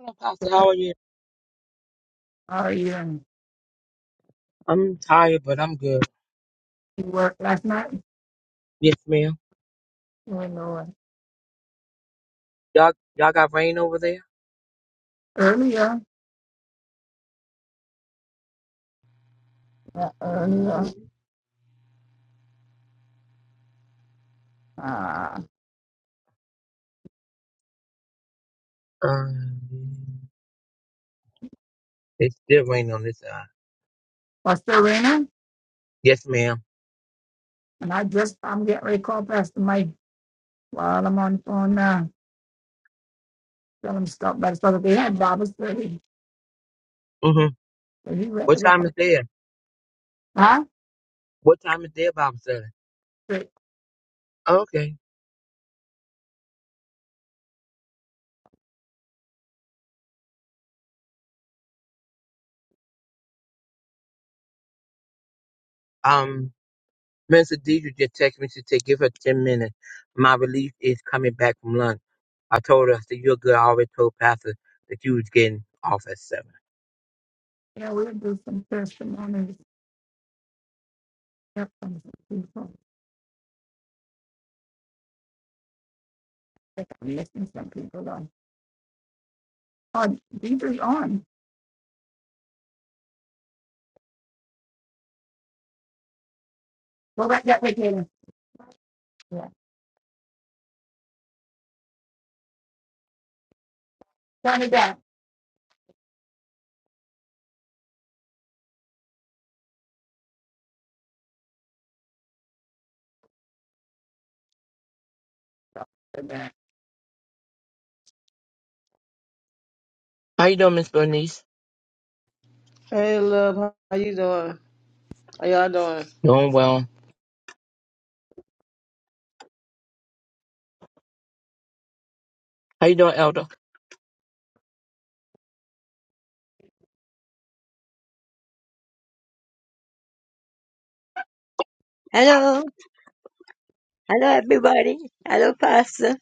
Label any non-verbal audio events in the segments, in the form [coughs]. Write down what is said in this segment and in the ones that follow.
Hello, Pastor. How are you? Are you? And I'm tired, but I'm good. you worked last night? Yes, ma'am. Or no, Y'all, y'all got rain over there? earlier, earlier. Uh, Um, it's still raining on this side. Pastor Raina, Yes, ma'am. and I just, I'm getting ready to call Pastor Mike while I'm on the phone now. Tell him to stop by the store. They had Bible study, Mm-hmm. so he read What the time is Bible. there? Huh? What time is there, Bible study? But, Okay. Um, Minister Deidre just texted me. She said, give her 10 minutes. My relief is coming back from lunch. I told her, I said, you're good. I already told Pastor that you was getting off at 7. you know, we'll do some testimonies. hear some people. I think I'm missing some people on. Oh, Deidre's on. Go back that way, Katie. Yeah. Turn it back. Turn it back. How you doing, Miss Bernice? Hey, love. How you doing? How y'all doing? Doing well. How you doing, Elder? Hello, hello everybody. Hello, Pastor. Thank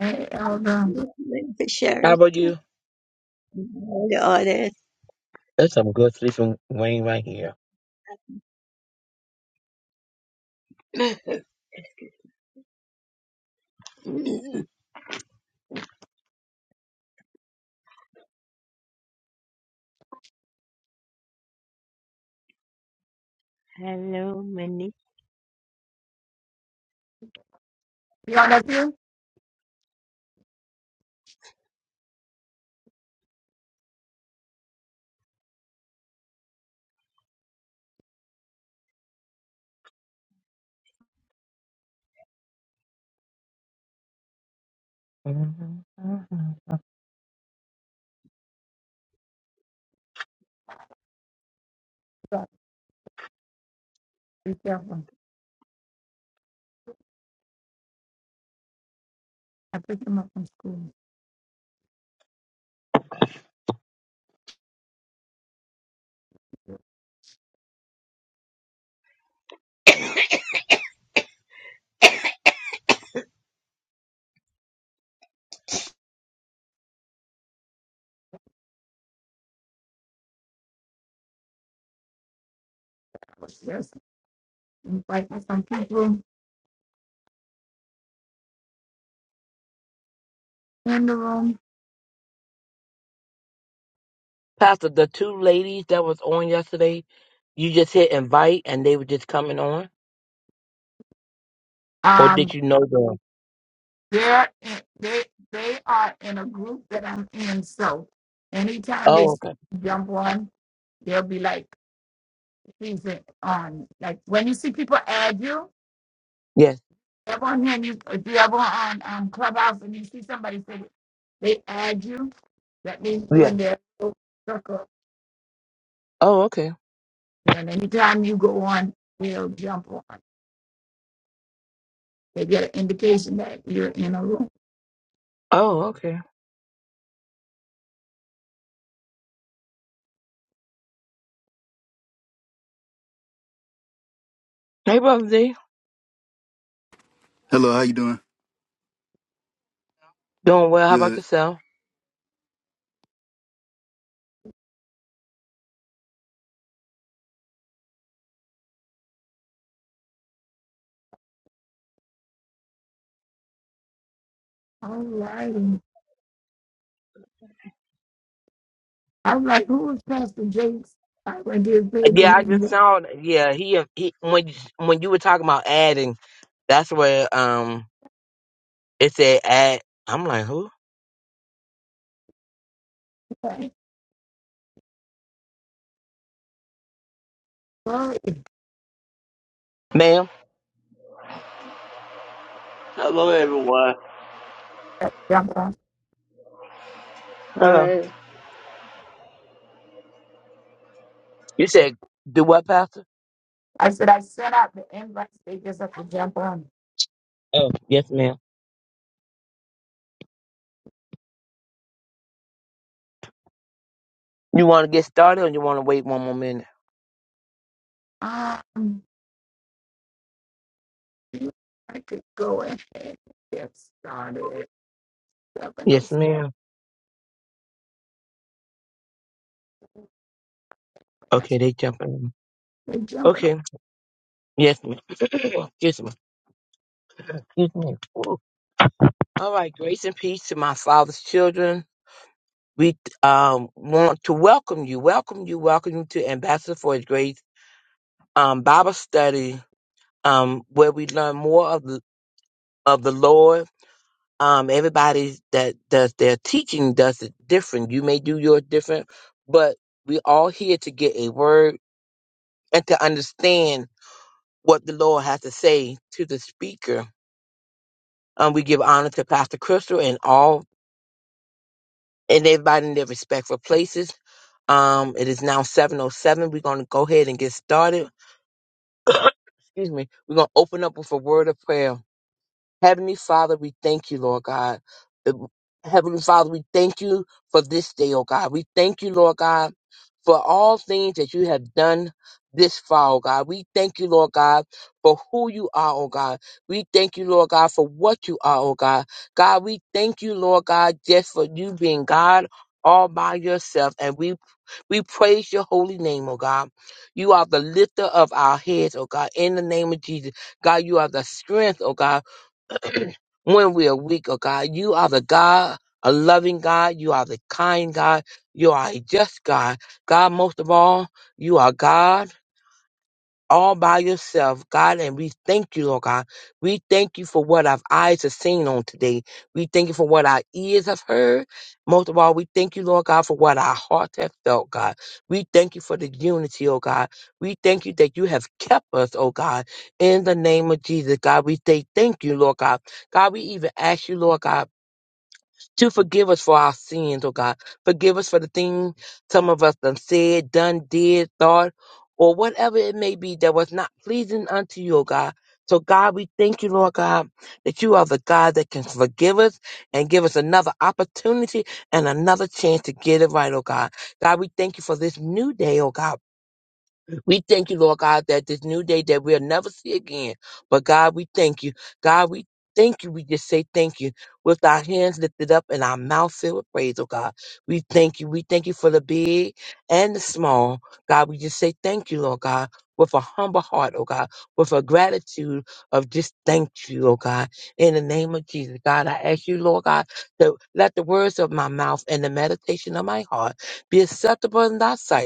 Hey, Elder. you, for How sharing about too. you? All the audience. That's some good sleeping rain right here. [clears throat] Hello, Manish. You on up here? Be careful. I picked him up from school. I was just inviting some people in the room. Pastor, the two ladies that was on yesterday, you just hit invite and they were just coming on? Or Um, did you know them? they're in, they they are in a group that I'm in. So anytime they Oh, see okay. me jump on, they'll be like, "He's in- on." Like when you see people add you, Yes. ever on here, and you if you ever on um Clubhouse and you see somebody say they add you, that means you're Yeah. in their little circle. Oh, okay. And anytime you go on, they'll jump on. They get an indication that you're in a room. Oh, okay. Hey, Brother D. Hello, how you doing? Doing well. How Good. about yourself? All righty. All right. Who was Pastor Jakes? I went to his page and Yeah, he I just saw. Yeah, he, he when you, when you were talking about adding, that's where um it said add. I'm like, who? like, "Hey, Sorry, Ma'am. Hello, everyone. jump on. Hello. Hi. You said do what, Pastor? I said, I sent out the invites. They just have to jump on. Oh, yes, ma'am. You want to get started or you want to wait one more minute? Um, I could go ahead and get started. jumping Yes, those ma'am. plans. Okay, they jumping. They jumping on. Okay, yes, ma'am. [clears throat] Excuse me. Excuse me. Ooh. All right, grace and peace to my father's children. We um, want to welcome you, welcome you, welcome you to Ambassador for His Grace um, Bible Study, um, where we learn more of the of the Lord. Um, everybody that does their teaching does it different. You may do yours different, but we all here to get a word and to understand what the Lord has to say to the speaker Um, we give honor to Pastor Crystal and all and everybody in their respectful places. Um, it is now seven oh seven. We're gonna go ahead and get started. [coughs] Excuse me. We're gonna open up with a word of prayer. Heavenly Father, we thank you, Lord God. Uh, Heavenly Father, we thank you for this day, oh God. We thank you, Lord God. for all things that you have done this far, oh God. We thank you, Lord God, for who you are, oh God. We thank you, Lord God, for what you are, oh God. God, we thank you, Lord God, just for you being God all by yourself. And we we praise your holy name, oh God. You are the lifter of our heads, oh God, in the name of Jesus. God, you are the strength, oh God. [clears throat] when we are weak, oh God. You are the God, a loving God. You are the kind God. You are a just God. God, most of all, you are God all by yourself, God, and we thank you, Lord God. We thank you for what our eyes have seen on today. We thank you for what our ears have heard. Most of all, we thank you, Lord God, for what our hearts have felt, God. We thank you for the unity, oh God. We thank you that you have kept us, oh God, in the name of Jesus, God. We say thank you, Lord God. God, we even ask you, Lord God to forgive us for our sins, oh God. Forgive us for the thing some of us done said, done, did, thought, or whatever it may be that was not pleasing unto you, oh God. So God, we thank you, Lord God, that you are the God that can forgive us and give us another opportunity and another chance to get it right, oh God. God, we thank you for this new day, oh God. We thank you, Lord God, that this new day that we'll never see again. But God, we thank you. God, we thank you. We just say thank you with our hands lifted up and our mouth filled with praise, oh God. We thank you. We thank you for the big and the small. God, we just say thank you, Lord God, with a humble heart, oh God, with a gratitude of just thank you, oh God. In the name of Jesus, God, I ask you, Lord God, to let the words of my mouth and the meditation of my heart be acceptable in thy sight.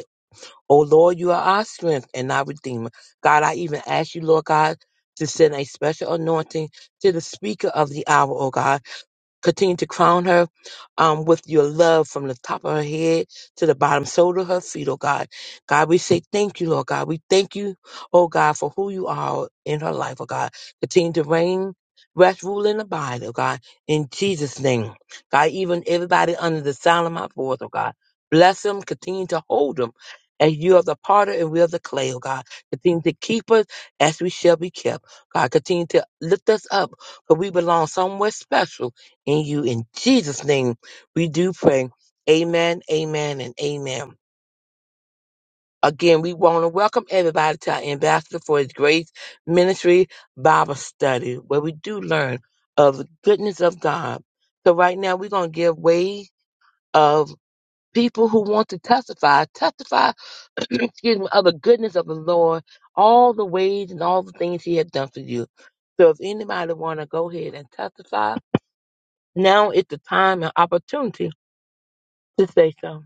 Oh Lord, you are our strength and our redeemer. God, I even ask you, Lord God, to send a special anointing to the speaker of the hour, oh God. Continue to crown her um, with your love from the top of her head to the bottom sole of her feet, oh God. God, we say thank you, Lord God. We thank you, oh God, for who you are in her life, oh God. Continue to reign, rest, rule, and abide, oh God, in Jesus' name. God, even everybody under the sound of my voice, oh God, bless them, continue to hold them. As you are the potter and we are the clay, oh God. Continue to keep us as we shall be kept. God, continue to lift us up for we belong somewhere special in you. In Jesus' name, we do pray. Amen, amen, and amen. Again, we want to welcome everybody to our Ambassador for His Grace Ministry Bible Study, where we do learn of the goodness of God. So right now, we're going to give way of people who want to testify, testify, [clears throat] excuse me, of the goodness of the Lord, all the ways and all the things He has done for you. So if anybody want to go ahead and testify, now is the time and opportunity to say so.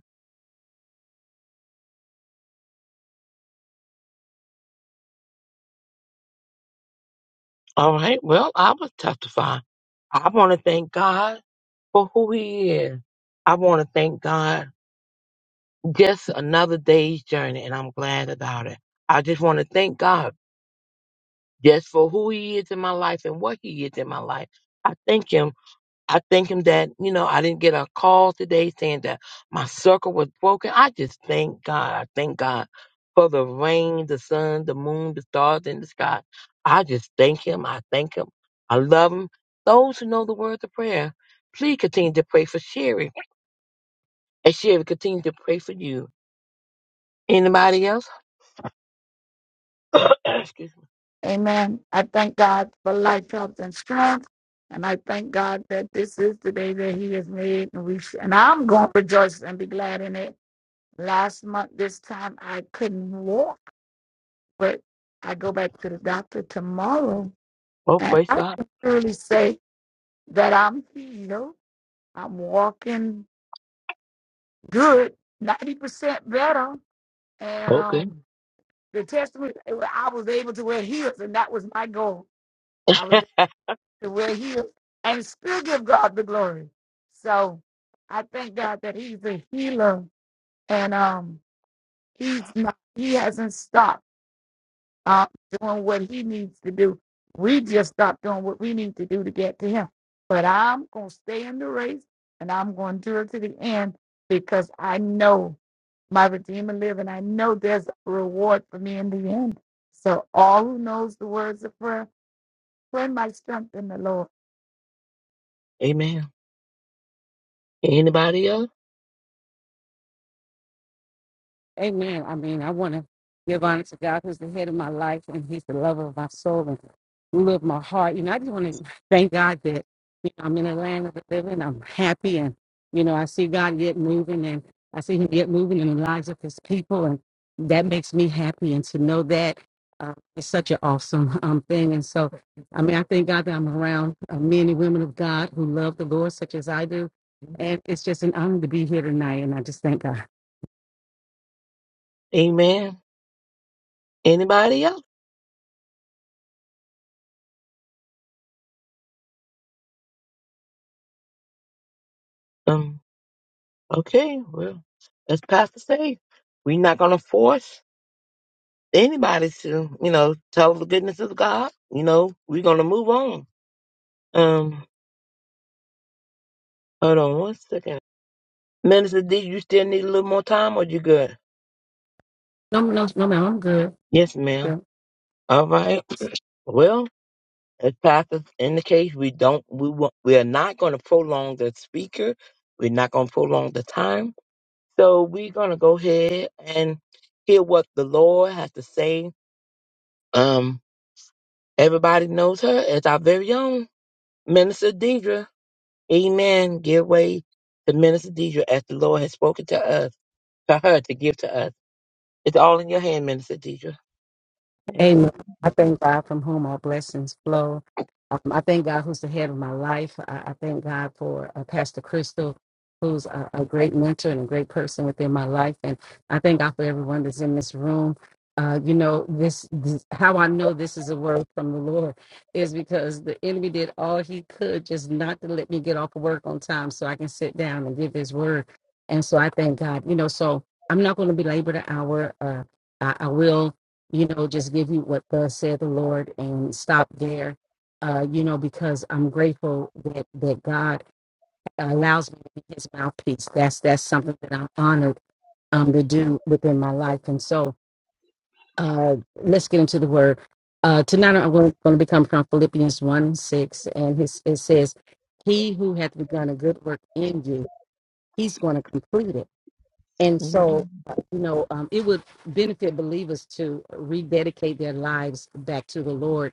All right. Well, I will testify. I want to thank God for who He is. I want to thank God just another day's journey, and I'm glad about it. I just want to thank God just for who He is in my life and what He is in my life. I thank Him I thank him that, you know, I didn't get a call today saying that my circle was broken. I just thank God. I thank God for the rain, the sun, the moon, the stars in the sky. I just thank him. I thank him. I love him. Those who know the words of prayer, please continue to pray for Sherry. And Sherry, continue to pray for you. Anybody else? [coughs] Excuse me. Amen. I thank God for life, health, and strength. And I thank God that this is the day that He has made. And, we, sh- and I'm going to rejoice and be glad in it. Last month, this time, I couldn't walk but I go back to the doctor tomorrow, Oh, and praise I God. can really say that I'm you know, I'm walking good, ninety percent better, and Okay. um, the testimony I was able to wear heels, and that was my goal. I was able to wear heels and still give God the glory. So I thank God that He's a healer, and um, He's not. He hasn't stopped. uh, doing what he needs to do. We just stop doing what we need to do to get to him. But I'm going to stay in the race and I'm going to do it to the end because I know my Redeemer lives, and I know there's a reward for me in the end. So all who knows the words of prayer, pray my strength in the Lord. [laughs] Amen. Anybody else? Amen. I mean, I want to give honor to God who's the head of my life and he's the lover of my soul and ruler of my heart. You know, I just want to thank God that, you know, I'm in the land of the living. I'm happy and, you know, I see God get moving and I see him get moving in the lives of his people. And that makes me happy. And to know that uh, it's such an awesome um, thing. And so, I mean, I thank God that I'm around uh, men and women of God who love the Lord such as I do. And it's just an honor to be here tonight. And I just thank God. Amen. Anybody else? Um, Okay, well, as Pastor say, we're not gonna force anybody to, you know, tell the goodness of God. You know, we're gonna move on. Um, hold on one second. Minister D, you still need a little more time or you good? No, no, no, ma'am. I'm good. Yes, ma'am. Yeah. All right. [clears throat] Well, as Pastor indicates, we don't we won't, we are not gonna prolong the speaker. We're not gonna prolong the time. So we're gonna go ahead and hear what the Lord has to say. Um Everybody knows her as our very own Minister Deidre. Amen. Give way to Minister Deidre as the Lord has spoken to us, to her to give to us. It's all in your hand, Minister Deidre. Amen. Amen. I thank God from whom all blessings flow. Um, I thank God who's the head of my life. I, I thank God for uh, Pastor Crystal, who's a, a great mentor and a great person within my life. And I thank God for everyone that's in this room. Uh, you know, this, this how I know this is a word from the Lord is because the enemy did all he could just not to let me get off of work on time so I can sit down and give his word. And so I thank God, you know, so I'm not going to belabor the hour. Uh, I, I will you know, just give you what thus said the Lord and stop there. Uh, you know, because I'm grateful that that God allows me to be His mouthpiece. That's that's something that I'm honored um, to do within my life. And so, uh, let's get into the Word. Uh, tonight, I'm going to be coming from Philippians one and six, and his, it says, "He who hath begun a good work in you, He's going to complete it." And Amen. so, uh, you know, um, it would benefit believers to rededicate their lives back to the Lord,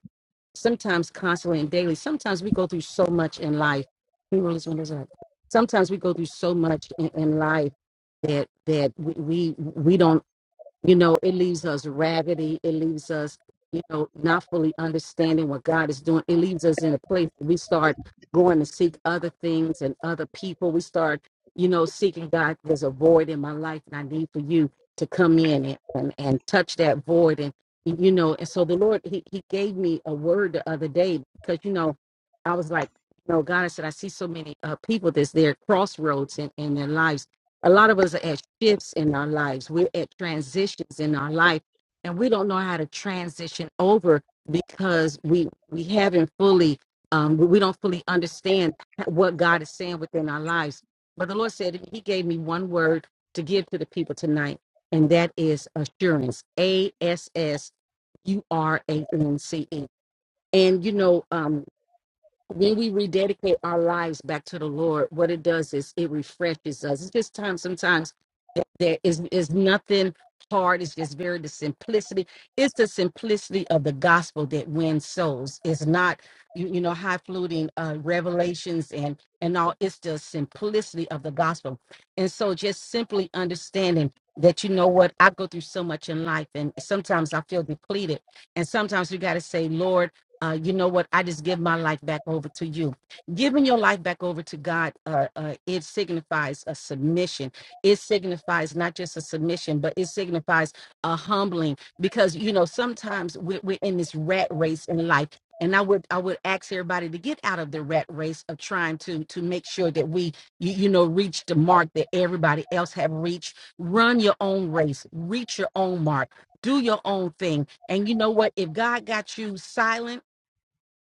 sometimes constantly and daily. Sometimes we go through so much in life. Can you roll this windows up? Sometimes we go through so much in, in life that that we we, we don't you know it leaves us raggedy it leaves us you know not fully understanding what god is doing it leaves us in a place where we start going to seek other things and other people we start you know seeking god there's a void in my life and i need for you to come in and and, and touch that void and you know and so the lord he, he gave me a word the other day because you know i was like you know god i said i see so many uh, people that's there at crossroads in, in their lives a lot of us are at shifts in our lives we're at transitions in our life and we don't know how to transition over because we we haven't fully um we don't fully understand what god is saying within our lives but the lord said he gave me one word to give to the people tonight and that is assurance a s s u r a n c e and you know um when we rededicate our lives back to the Lord, what it does is it refreshes us. It's just time sometimes that there is is nothing hard. It's just very the simplicity. It's the simplicity of the gospel that wins souls. It's not you, you know high fluting uh, revelations and and all. It's the simplicity of the gospel. And so just simply understanding that you know what I go through so much in life, and sometimes I feel depleted, and sometimes you got to say, Lord uh, you know what? I just give my life back over to you. Giving your life back over to God, uh, uh, it signifies a submission. It signifies not just a submission, but it signifies a humbling because you know sometimes we're, we're in this rat race in life. And I would I would ask everybody to get out of the rat race of trying to to make sure that we you, you know reach the mark that everybody else have reached. Run your own race, reach your own mark, do your own thing. And you know what? If God got you silent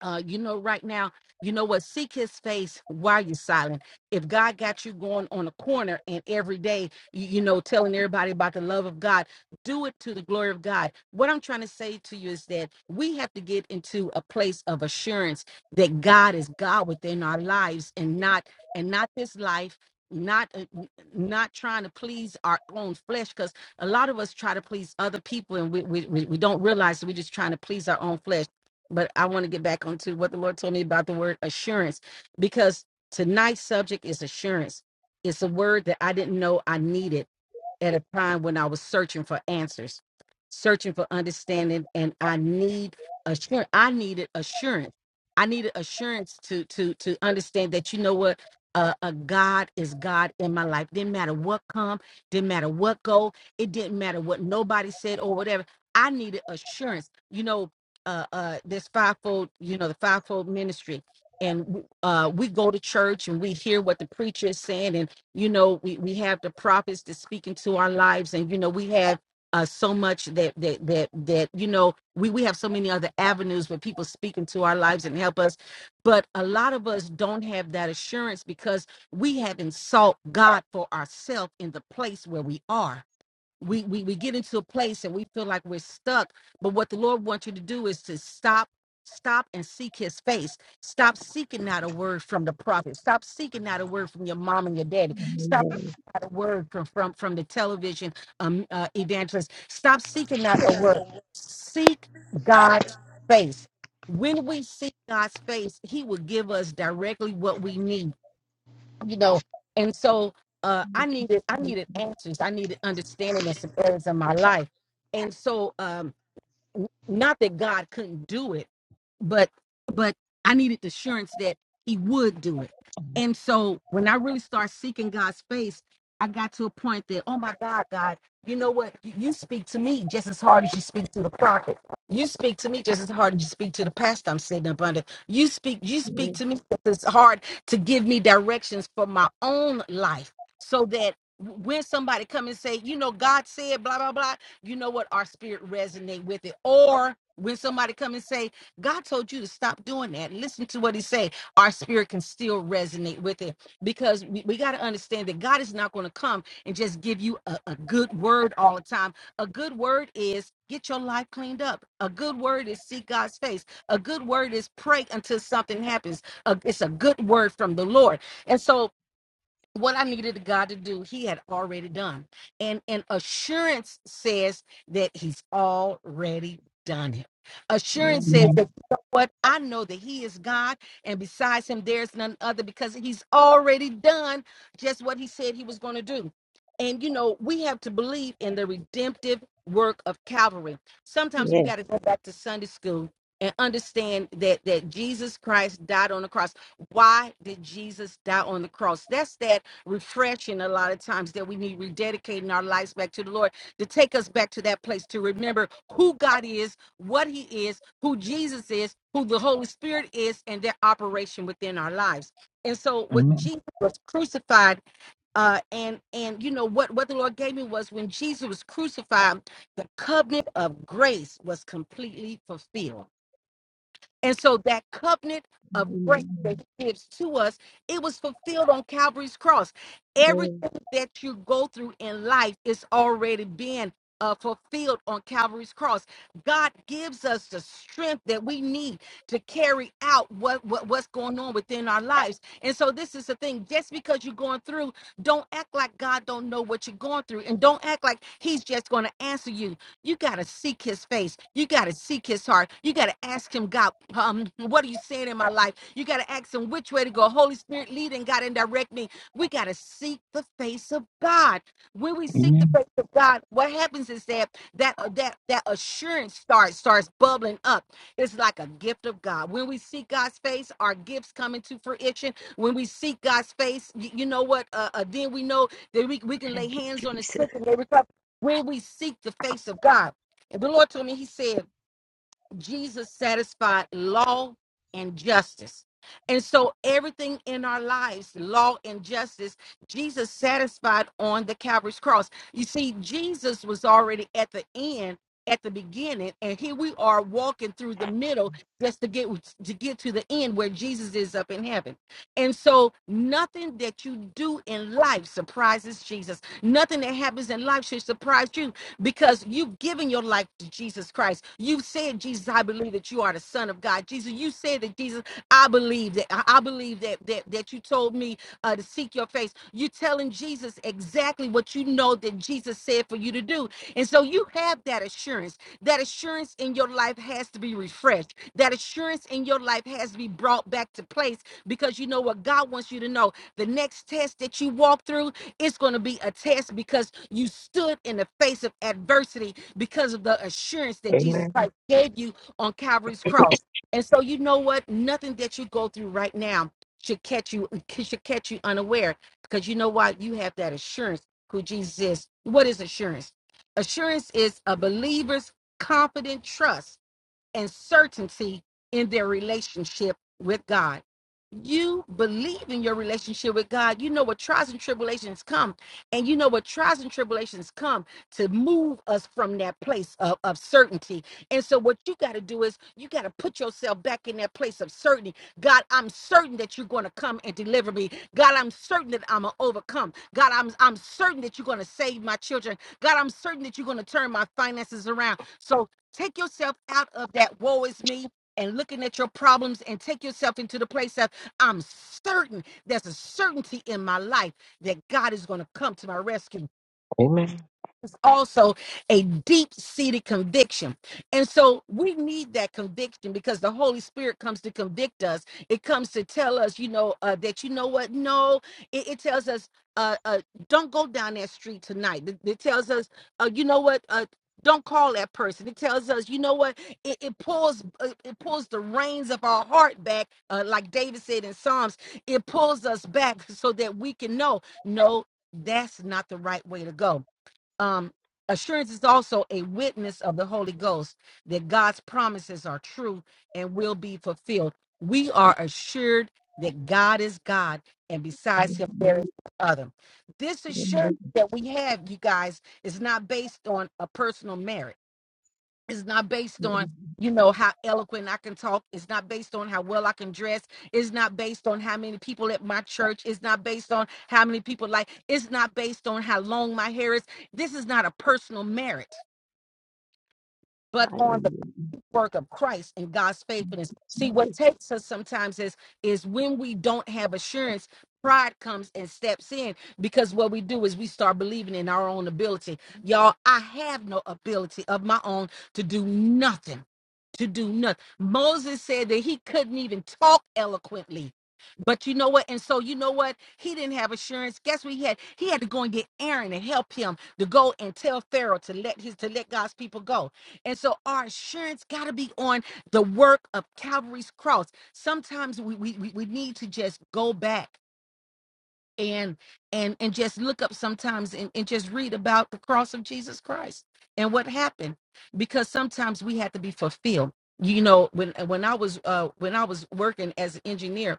uh, you know, right now, you know what? Seek his face while you're silent. If God got you going on a corner and every day, you, you know, telling everybody about the love of God, do it to the glory of God. What I'm trying to say to you is that we have to get into a place of assurance that God is God within our lives and not and not this life not uh, n- not trying to please our own flesh because a lot of us try to please other people and we, we we we don't realize that we're just trying to please our own flesh but I want to get back onto what the Lord told me about the word assurance because tonight's subject is assurance. It's a word that I didn't know I needed at a time when I was searching for answers, searching for understanding, and I need assurance. I needed assurance. I needed assurance to to to understand that you know what. Uh, a God is God in my life. Didn't matter what come, didn't matter what go, it didn't matter what nobody said or whatever. I needed assurance. You know, uh, uh, this fivefold, you know, the fivefold ministry, and uh, we go to church and we hear what the preacher is saying, and you know we, we have the prophets that speak into our lives and you know we have uh, so much that that that that you know we we have so many other avenues where people speak into our lives and help us but a lot of us don't have that assurance because we haven't sought god for ourselves in the place where we are we, we we get into a place and we feel like we're stuck but what the lord wants you to do is to stop stop and seek his face stop seeking out a word from the prophet stop seeking out a word from your mom and your daddy stop seeking out a word from from, from the television um uh, evangelist stop seeking out a word seek god's face when we seek god's face he will give us directly what we need you know and so uh i needed i needed answers i needed understanding in some areas of my life and so um n- not that God couldn't do it, but but I needed the assurance that He would do it. And so when I really start seeking God's face, I got to a point that oh my God, God, you know what? You, you speak to me just as hard as you speak to the prophet. You speak to me just as hard as you speak to the pastor I'm sitting up under. You speak you speak to me just as hard to give me directions for my own life, so that when somebody come and say, you know, God said blah blah blah, you know what our spirit resonate with it or when somebody come and say god told you to stop doing that listen to what he say our spirit can still resonate with it because we, we got to understand that god is not going to come and just give you a, a good word all the time a good word is get your life cleaned up a good word is seek god's face a good word is pray until something happens A- it's a good word from the lord and so what I needed God to do, He had already done. And and assurance says that He's already done it. Assurance says Amen. Amen. that you know what I know that He is God, and besides Him, there's none other because He's already done just what He said He was going to do. And you know, we have to believe in the redemptive work of Calvary. Sometimes we Yes. got to go back to Sunday school and understand that that Jesus Christ died on the cross why did Jesus die on the cross? That's that refreshing a lot of times that we need rededicating our lives back to the Lord to take us back to that place to remember who God is, what He is, who Jesus is, who the Holy Spirit is, and their operation within our lives. And so, what Jesus was crucified, uh, and and you know what what the Lord gave me was when Jesus was crucified, the covenant of grace was completely fulfilled and so that covenant of grace that Amen. he gives to us, it was fulfilled on Calvary's cross. Yes. Everything that you go through in life is already being uh, fulfilled on Calvary's cross. God gives us the strength that we need to carry out what, what what's going on within our lives. And so this is the thing. Just because you're going through, don't act like God don't know what you're going through. And don't act like he's just going to answer you you got to seek his face. You got to seek his heart. You got to ask him, God, um, what are you saying in my life? You got to ask him which way to go. Holy Spirit, lead and God and direct me. We got to seek the face of God. When we seek the Amen. face of God, what happens is that that uh, that that assurance starts starts bubbling up. It's like a gift of God. When we seek God's face, our gifts come into fruition. When we seek God's face, y- you know what? Uh, uh, then we know that we, we can lay Thank you, hands on the Jesus. sick and they recover when we seek the face of God. And the Lord told me, He said, Jesus satisfied law and justice. And so everything in our lives, law and justice, Jesus satisfied on the Calvary's cross. You see, Jesus was already at the end at the beginning and here we are walking through the middle just to get to get to the end where Jesus is up in heaven. And so nothing that you do in life surprises Jesus. Nothing that happens in life should surprise you because you've given your life to Jesus Christ. You've said, Jesus, I believe that you are the Son of God. Jesus, you said that Jesus, I believe that I I believe that that, that you told me uh, to seek your face. You're telling Jesus exactly what you know that Jesus said for you to do. And so you have that assurance. That assurance in your life has to be refreshed. That assurance in your life has to be brought back to place because you know what God wants you to know. The next test that you walk through, it's going to be a test because you stood in the face of adversity because of the assurance that Jesus Amen. Christ gave you on Calvary's cross. And so you know what? Nothing that you go through right now should catch you should catch you unaware because you know why you have that assurance who Jesus is. What is assurance? Assurance is a believer's confident trust and certainty in their relationship with God. You believe in your relationship with God. You know what trials and tribulations come, and you know what trials and tribulations come to move us from that place of, of certainty. And so, what you got to do is you got to put yourself back in that place of certainty. God, I'm certain that you're going to come and deliver me. God, I'm certain that I'm going to overcome. God, I'm, I'm certain that you're going to save my children. God, I'm certain that you're going to turn my finances around. So, Take yourself out of that woe is me and looking at your problems and take yourself into the place of I'm certain there's a certainty in my life that God is going to come to my rescue. Amen. It's also a deep seated conviction. And so we need that conviction because the Holy Spirit comes to convict us. It comes to tell us, you know, uh, that you know what? No, it, it tells us, uh, uh, don't go down that street tonight. It, it tells us, uh, you know what? Uh, don't call that person. It tells us, you know what? It, it pulls, uh, it pulls the reins of our heart back, uh, like David said in Psalms. It pulls us back so that we can know, no, that's not the right way to go um assurance is also a witness of the holy ghost that god's promises are true and will be fulfilled we are assured that god is god and besides him there is no other this assurance that we have you guys is not based on a personal merit it's not based on, you know, how eloquent I can talk. It's not based on how well I can dress. It's not based on how many people at my church. It's not based on how many people like. It's not based on how long my hair is. This is not a personal merit, but on Hallelujah, work of Christ and God's faithfulness. See, what Jesus. takes us sometimes is is when we don't have assurance, pride comes and steps in because what we do is we start believing in our own ability. Y'all, I have no ability of my own to do nothing. To do nothing. Moses said that he couldn't even talk eloquently. But you know what? And so you know what? He didn't have assurance. Guess what he had? He had to go and get Aaron and help him to go and tell Pharaoh to let his to let God's people go and so our assurance got to be on the work of Calvary's cross. Sometimes we, we we we need to just go back and and and just look up sometimes and, and just read about the cross of Jesus Christ and what happened because sometimes we had to be fulfilled. You know, when when I was uh when I was working as an engineer,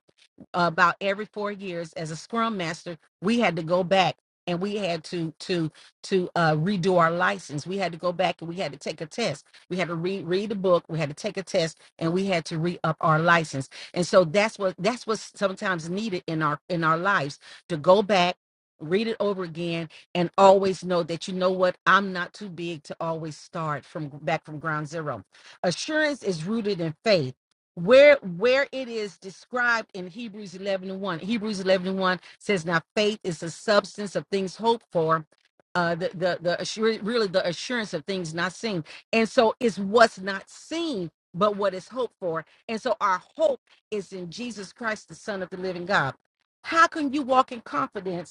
about every four years as a scrum master we had to go back and we had to to to uh, redo our license we had to go back and we had to take a test we had to read read the book we had to take a test and we had to re-up our license and so that's what that's what's sometimes needed in our in our lives to go back read it over again and always know that you know what i'm not too big to always start from back from ground zero assurance is rooted in faith where where it is described in Hebrews 11 and 1. Hebrews 11 and 1 says, Now faith is the substance of things hoped for, uh, the, the, the assur- really the assurance of things not seen. And so it's what's not seen, but what is hoped for. And so our hope is in Jesus Christ, the Son of the living God. How can you walk in confidence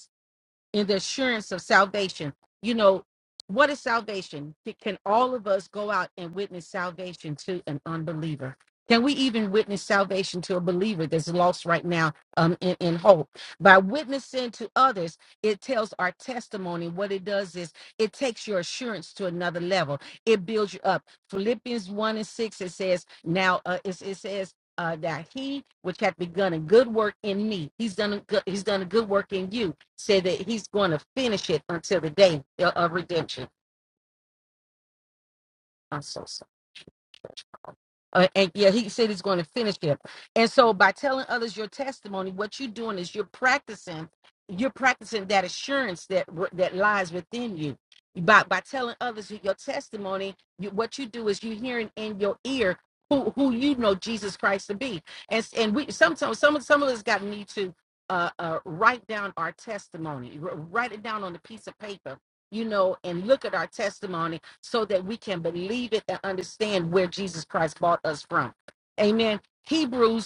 in the assurance of salvation. You know, what is salvation? Can all of us go out and witness salvation to an unbeliever? Can we even witness salvation to a believer that's lost right now um, in, in hope? By witnessing to others, it tells our testimony. What it does is it takes your assurance to another level. It builds you up. Philippians 1 and 6, it says, now uh, it, it says, uh, that he which hath begun a good work in me, he's done a good, he's done a good work in you, said that he's going to finish it until the day of redemption. I'm so sorry. Uh, and yeah, he said he's going to finish it. And so by telling others your testimony, what you're doing is you're practicing, you're practicing that assurance that w- that lies within you. By by telling others your testimony, you, what you do is you're hearing in your ear who who you know Jesus Christ to be. And s- and we sometimes some of- some of us got need to uh, uh, write down our testimony, wr- write it down on a piece of paper, you know, and look at our testimony so that we can believe it and understand where Jesus Christ bought us from. Amen. Hebrews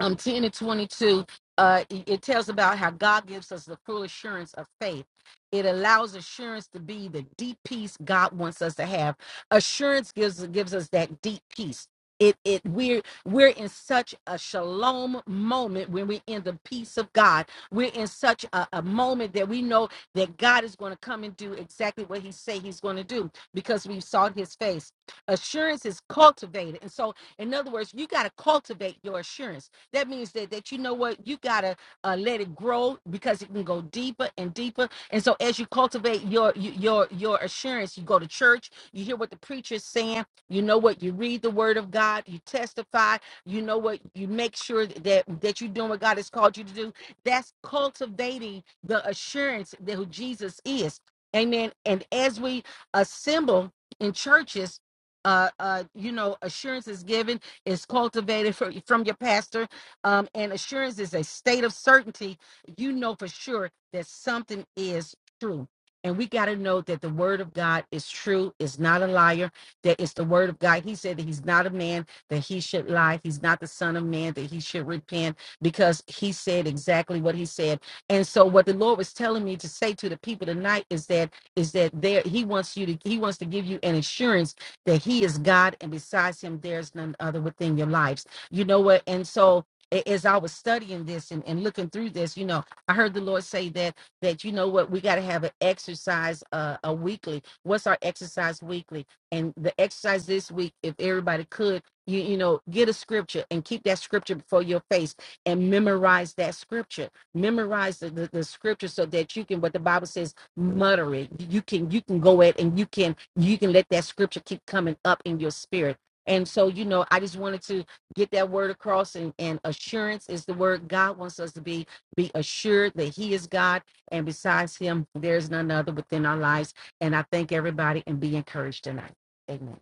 um, 10 and 22, uh, it it tells about how God gives us the full assurance of faith. It allows assurance to be the deep peace God wants us to have. Assurance gives gives us that deep peace. It it we're we're in such a shalom moment when we're in the peace of God. We're in such a, a moment that we know that God is going to come and do exactly what He say He's going to do because we've sought His face. Assurance is cultivated, and so in other words, you got to cultivate your assurance that means that that you know what you gotta uh, let it grow because it can go deeper and deeper. And so as you cultivate your y- your your assurance, you go to church, you hear what the preacher is saying, you know what you read the Word of God, you testify, you know what you make sure that that you're doing what God has called you to do. That's cultivating the assurance that who Jesus is. Amen. And as we assemble in churches, uh, uh, you know, assurance is given, is cultivated for, from your pastor um, and assurance is a state of certainty. You know for sure that something is true. And we got to know that the word of God is true, is not a liar, that it's the word of God. He said that he's not a man that he should lie. He's not the son of man that he should repent because he said exactly what he said. And so what the Lord was telling me to say to the people tonight is that is that there he wants you to he wants to give you an assurance that he is God and besides him there's none other within your lives. You know what? And so a- as I was studying this and, and looking through this, you know, I heard the Lord say that that you know what, we got to have an exercise uh, a weekly. What's our exercise weekly? And the exercise this week, if everybody could, you you know, get a scripture and keep that scripture before your face and memorize that scripture. Memorize the, the, the scripture so that you can what the Bible says, mutter it. You can you can go at and you can you can let that scripture keep coming up in your spirit. And so, you know, I just wanted to get that word across and, and assurance is the word god wants us to be be assured that he is god and besides him there's none other within our lives and i thank everybody and be encouraged tonight amen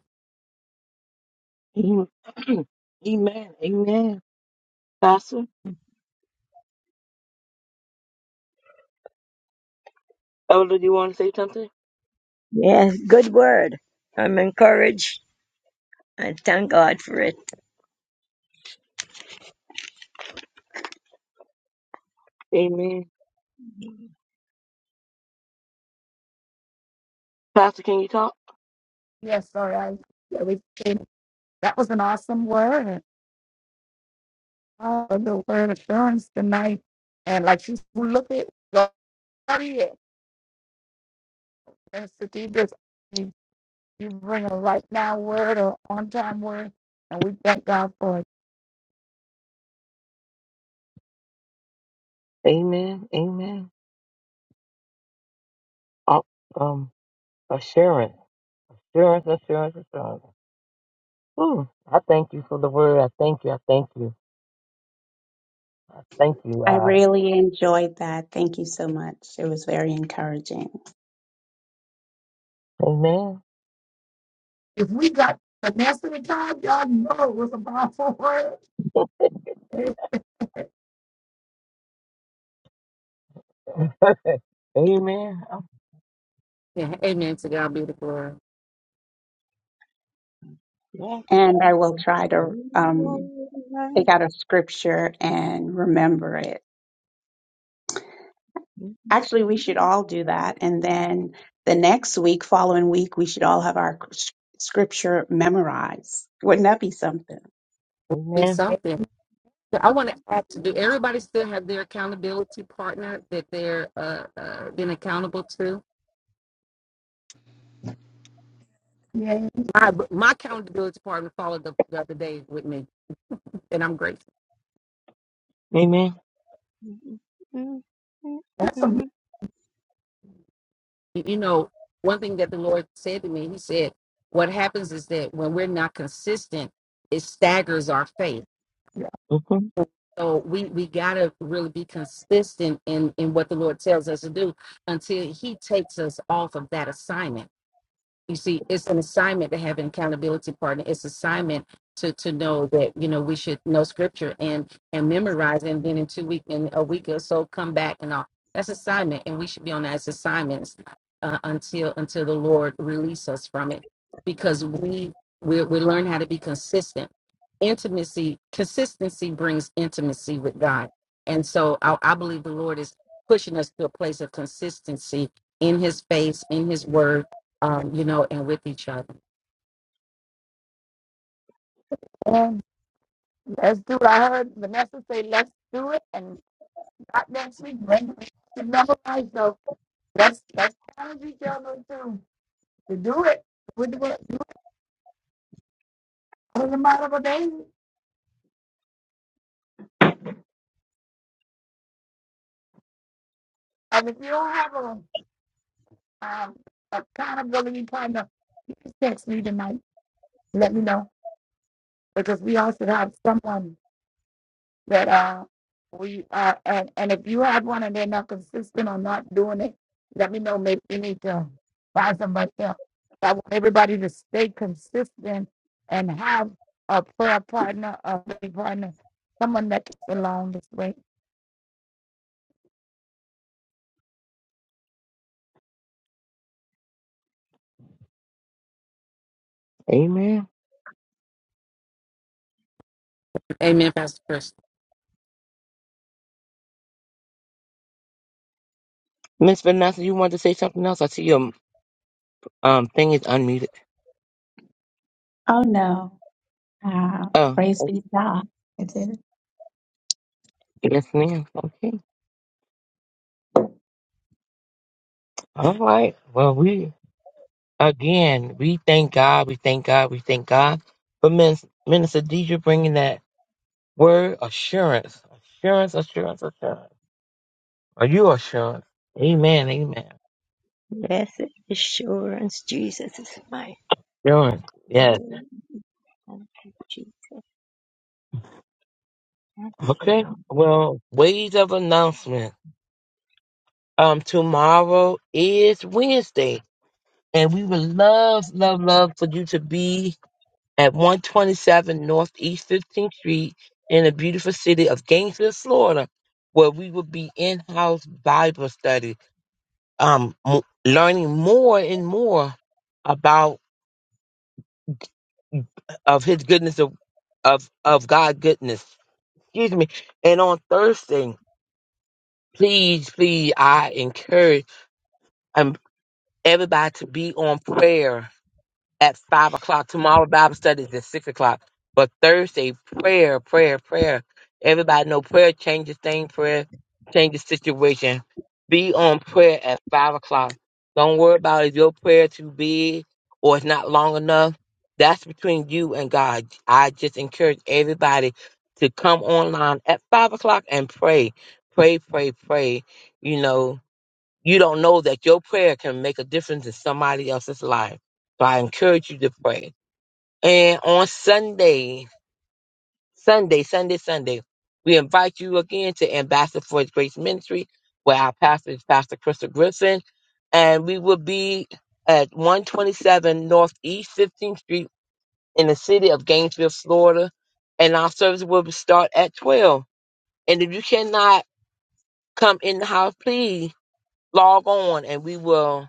Amen. [clears throat] Amen. Amen. Pastor, Elder, do you want to say something? Yes, good word. I'm encouraged and thank God for it. Amen. Pastor, can you talk? Yes, sorry, I yeah, we came- that was an awesome word. Oh, the word assurance tonight. And like you look at go study it and study this. You bring a right now word or on time word, and we thank God for it. Amen. Amen. Uh, Um, assurance, assurance, assurance, assurance. Ooh, I thank you for the word. I thank you. I thank you. I thank you. I Uh, really enjoyed that. Thank you so much. It was very encouraging. amen. If we got Vanessa the time, y'all know it was a powerful word. [laughs] amen. Oh, yeah, amen to god be the glory Yes. And I will try to um, pick out a scripture and remember it. Actually, we should all do that. And then the next week, following week, we should all have our s- scripture memorized. Wouldn't that be something? be Amen. something So i want to add to do everybody still have their accountability partner that they're uh, uh being accountable to Yeah, my my accountability partner followed the, the other day with me and i'm grateful Amen. that's a you know, one thing that the Lord said to me, He said, what happens is that when we're not consistent, it staggers our faith. hmm So we we gotta really be consistent in in what the Lord tells us to do until He takes us off of that assignment you see it's an assignment to have an accountability partner it's assignment to to know that you know we should know scripture and and memorize and then in two week in a week or so come back and all that's assignment and we should be on that as assignments uh, until until the lord release us from it because we we, we learn how to be consistent intimacy consistency brings intimacy with god and so I, I believe the lord is pushing us to a place of consistency in his face in his word um, you know, and with each other. and let's do it. I heard Vanessa say, "Let's do it," and not next week. Bring it to memorize. So let's let's challenge each other to to do it. We do it do it in the amount of a day. And if you don't have a um, accountability partner, please text me tonight. Let me know. because we all should have someone that uh we uh and, and if you have one and they're not consistent or not doing it, let me know. Maybe you need to find somebody else. I want everybody to stay consistent and have a prayer partner, a prayer partner, someone that gets along this way. Amen. Amen, Pastor Chris. Miss Vanessa, you wanted to say something else? I see your um thing is unmuted. Oh no. Uh, Oh, praise be okay. to God. I did. yes, ma'am. Okay. All right. Well, we again we thank God. We thank God. We thank God for Miss Minister Deidre bringing that. Word assurance. Assurance, assurance, assurance. Are you assurance? Amen, amen. Blessed assurance, Jesus is mine. Assurance. Yes. Thank you, Jesus. Thank you, Okay. Well, ways of announcement. Um, tomorrow is Wednesday. And we would love, love, love for you to be at 127 Northeast 15th Street in the beautiful city of Gainesville, Florida, where we will be in-house Bible study, um, m- learning more and more about. of his goodness of of of God goodness. Excuse me. And on Thursday, please, please, I encourage um everybody to be on prayer at five o'clock. Tomorrow Bible study is at six o'clock. But Thursday, prayer, prayer, prayer. Everybody know prayer changes thing, prayer changes situation. Be on prayer at five o'clock. Don't worry about if your prayer too big or it's not long enough. That's between you and God. I just encourage everybody to come online at five o'clock and pray. Pray, pray, pray. You know. You don't know that your prayer can make a difference in somebody else's life. So I encourage you to pray. And on Sunday, Sunday, Sunday, Sunday, we invite you again to Ambassador for His Grace Ministry, where our pastor is Pastor Crystal Griffin. And we will be at 127 Northeast 15th Street in the city of Gainesville, Florida. And our service will start at 12. And if you cannot come in the house, please log on and we will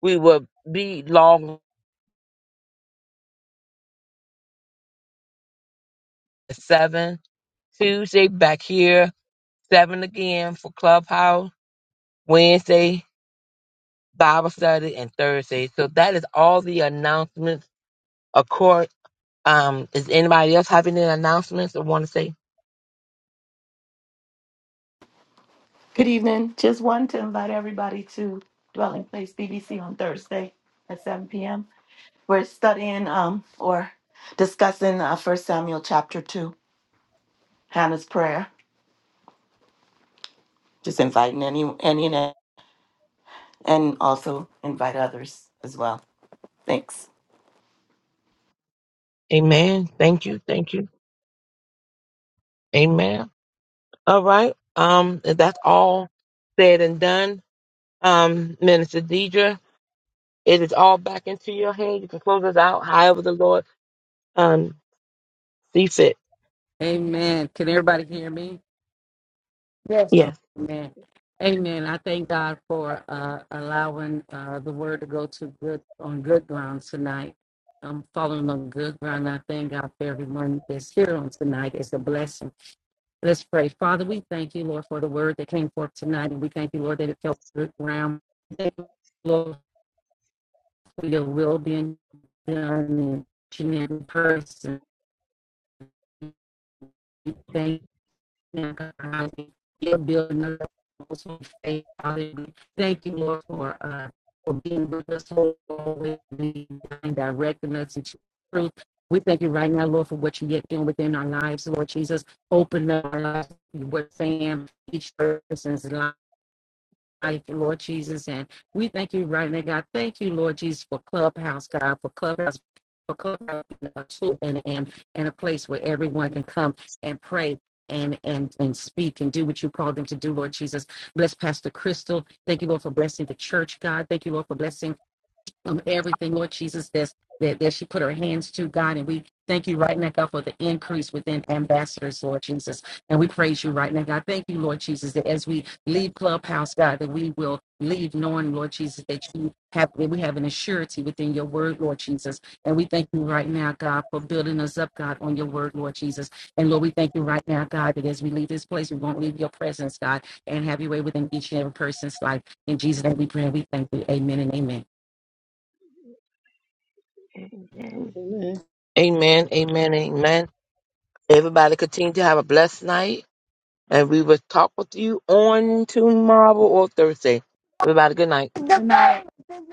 We will be long at seven. Tuesday back here, seven again for Clubhouse. Wednesday Bible study and Thursday. So that is all the announcements. Of course, um, is anybody else having any announcements or want to say Good evening. Just wanted to invite everybody to Dwelling Place BBC on Thursday at 7 p.m. We're studying um, or discussing uh, 1 Samuel chapter 2, Hannah's prayer. Just inviting any, any and and also invite others as well. Thanks. Amen? Thank you, thank you, Amen. All right. Um, if that's all said and done. Um, Minister Deidre, it is all back into your hand. You can close us out however the Lord um see fit. Amen. Can everybody hear me? Yes. Yes. Amen. Amen. I thank God for uh, allowing uh, the word to go to good on good ground tonight. I'm following on good ground. I thank God for everyone that's here on tonight. It's a blessing. Let's pray. Father, we thank you, Lord, for the word that came forth tonight, and we thank you, Lord, that it fell good ground. Thank you, Lord, for your will being done in each and every person. We Thank now, building us faith. Hallelujah. Thank you, Lord, for uh for being with us always and directing us to truth. We thank you right now, Lord, for what you're yet doing within our lives, Lord Jesus. Open up our lives, what Sam, each person's life life, Lord Jesus. And we thank you right now, God. Thank you, Lord Jesus, for Clubhouse, God, for Clubhouse. For Clubhouse being a tool and, and, and a place where everyone can come and pray and, and, and speak and do what you called them to do, Lord Jesus. Bless Pastor Crystal. Thank you, Lord, for blessing the church, God. Thank you, Lord, for blessing of everything, Lord Jesus, that's, that, that she put her hands to, God. And we thank you right now, God, for the increase within ambassadors, Lord Jesus. And we praise you right now, God. Thank you, Lord Jesus, that as we leave Clubhouse, God, that we will leave knowing, Lord Jesus, that you have that we have an assurity within your word, Lord Jesus. And we thank you right now, God, for building us up, God, on your word, Lord Jesus. And Lord, we thank you right now, God, that as we leave this place, we won't leave your presence, God, and have your way within each and every person's life. In Jesus' name we pray and we thank you. Amen and amen. Lord. Amen, amen, amen. Everybody continue to have a blessed night, and we will talk with you on tomorrow or Thursday. Everybody, good night. The Tonight.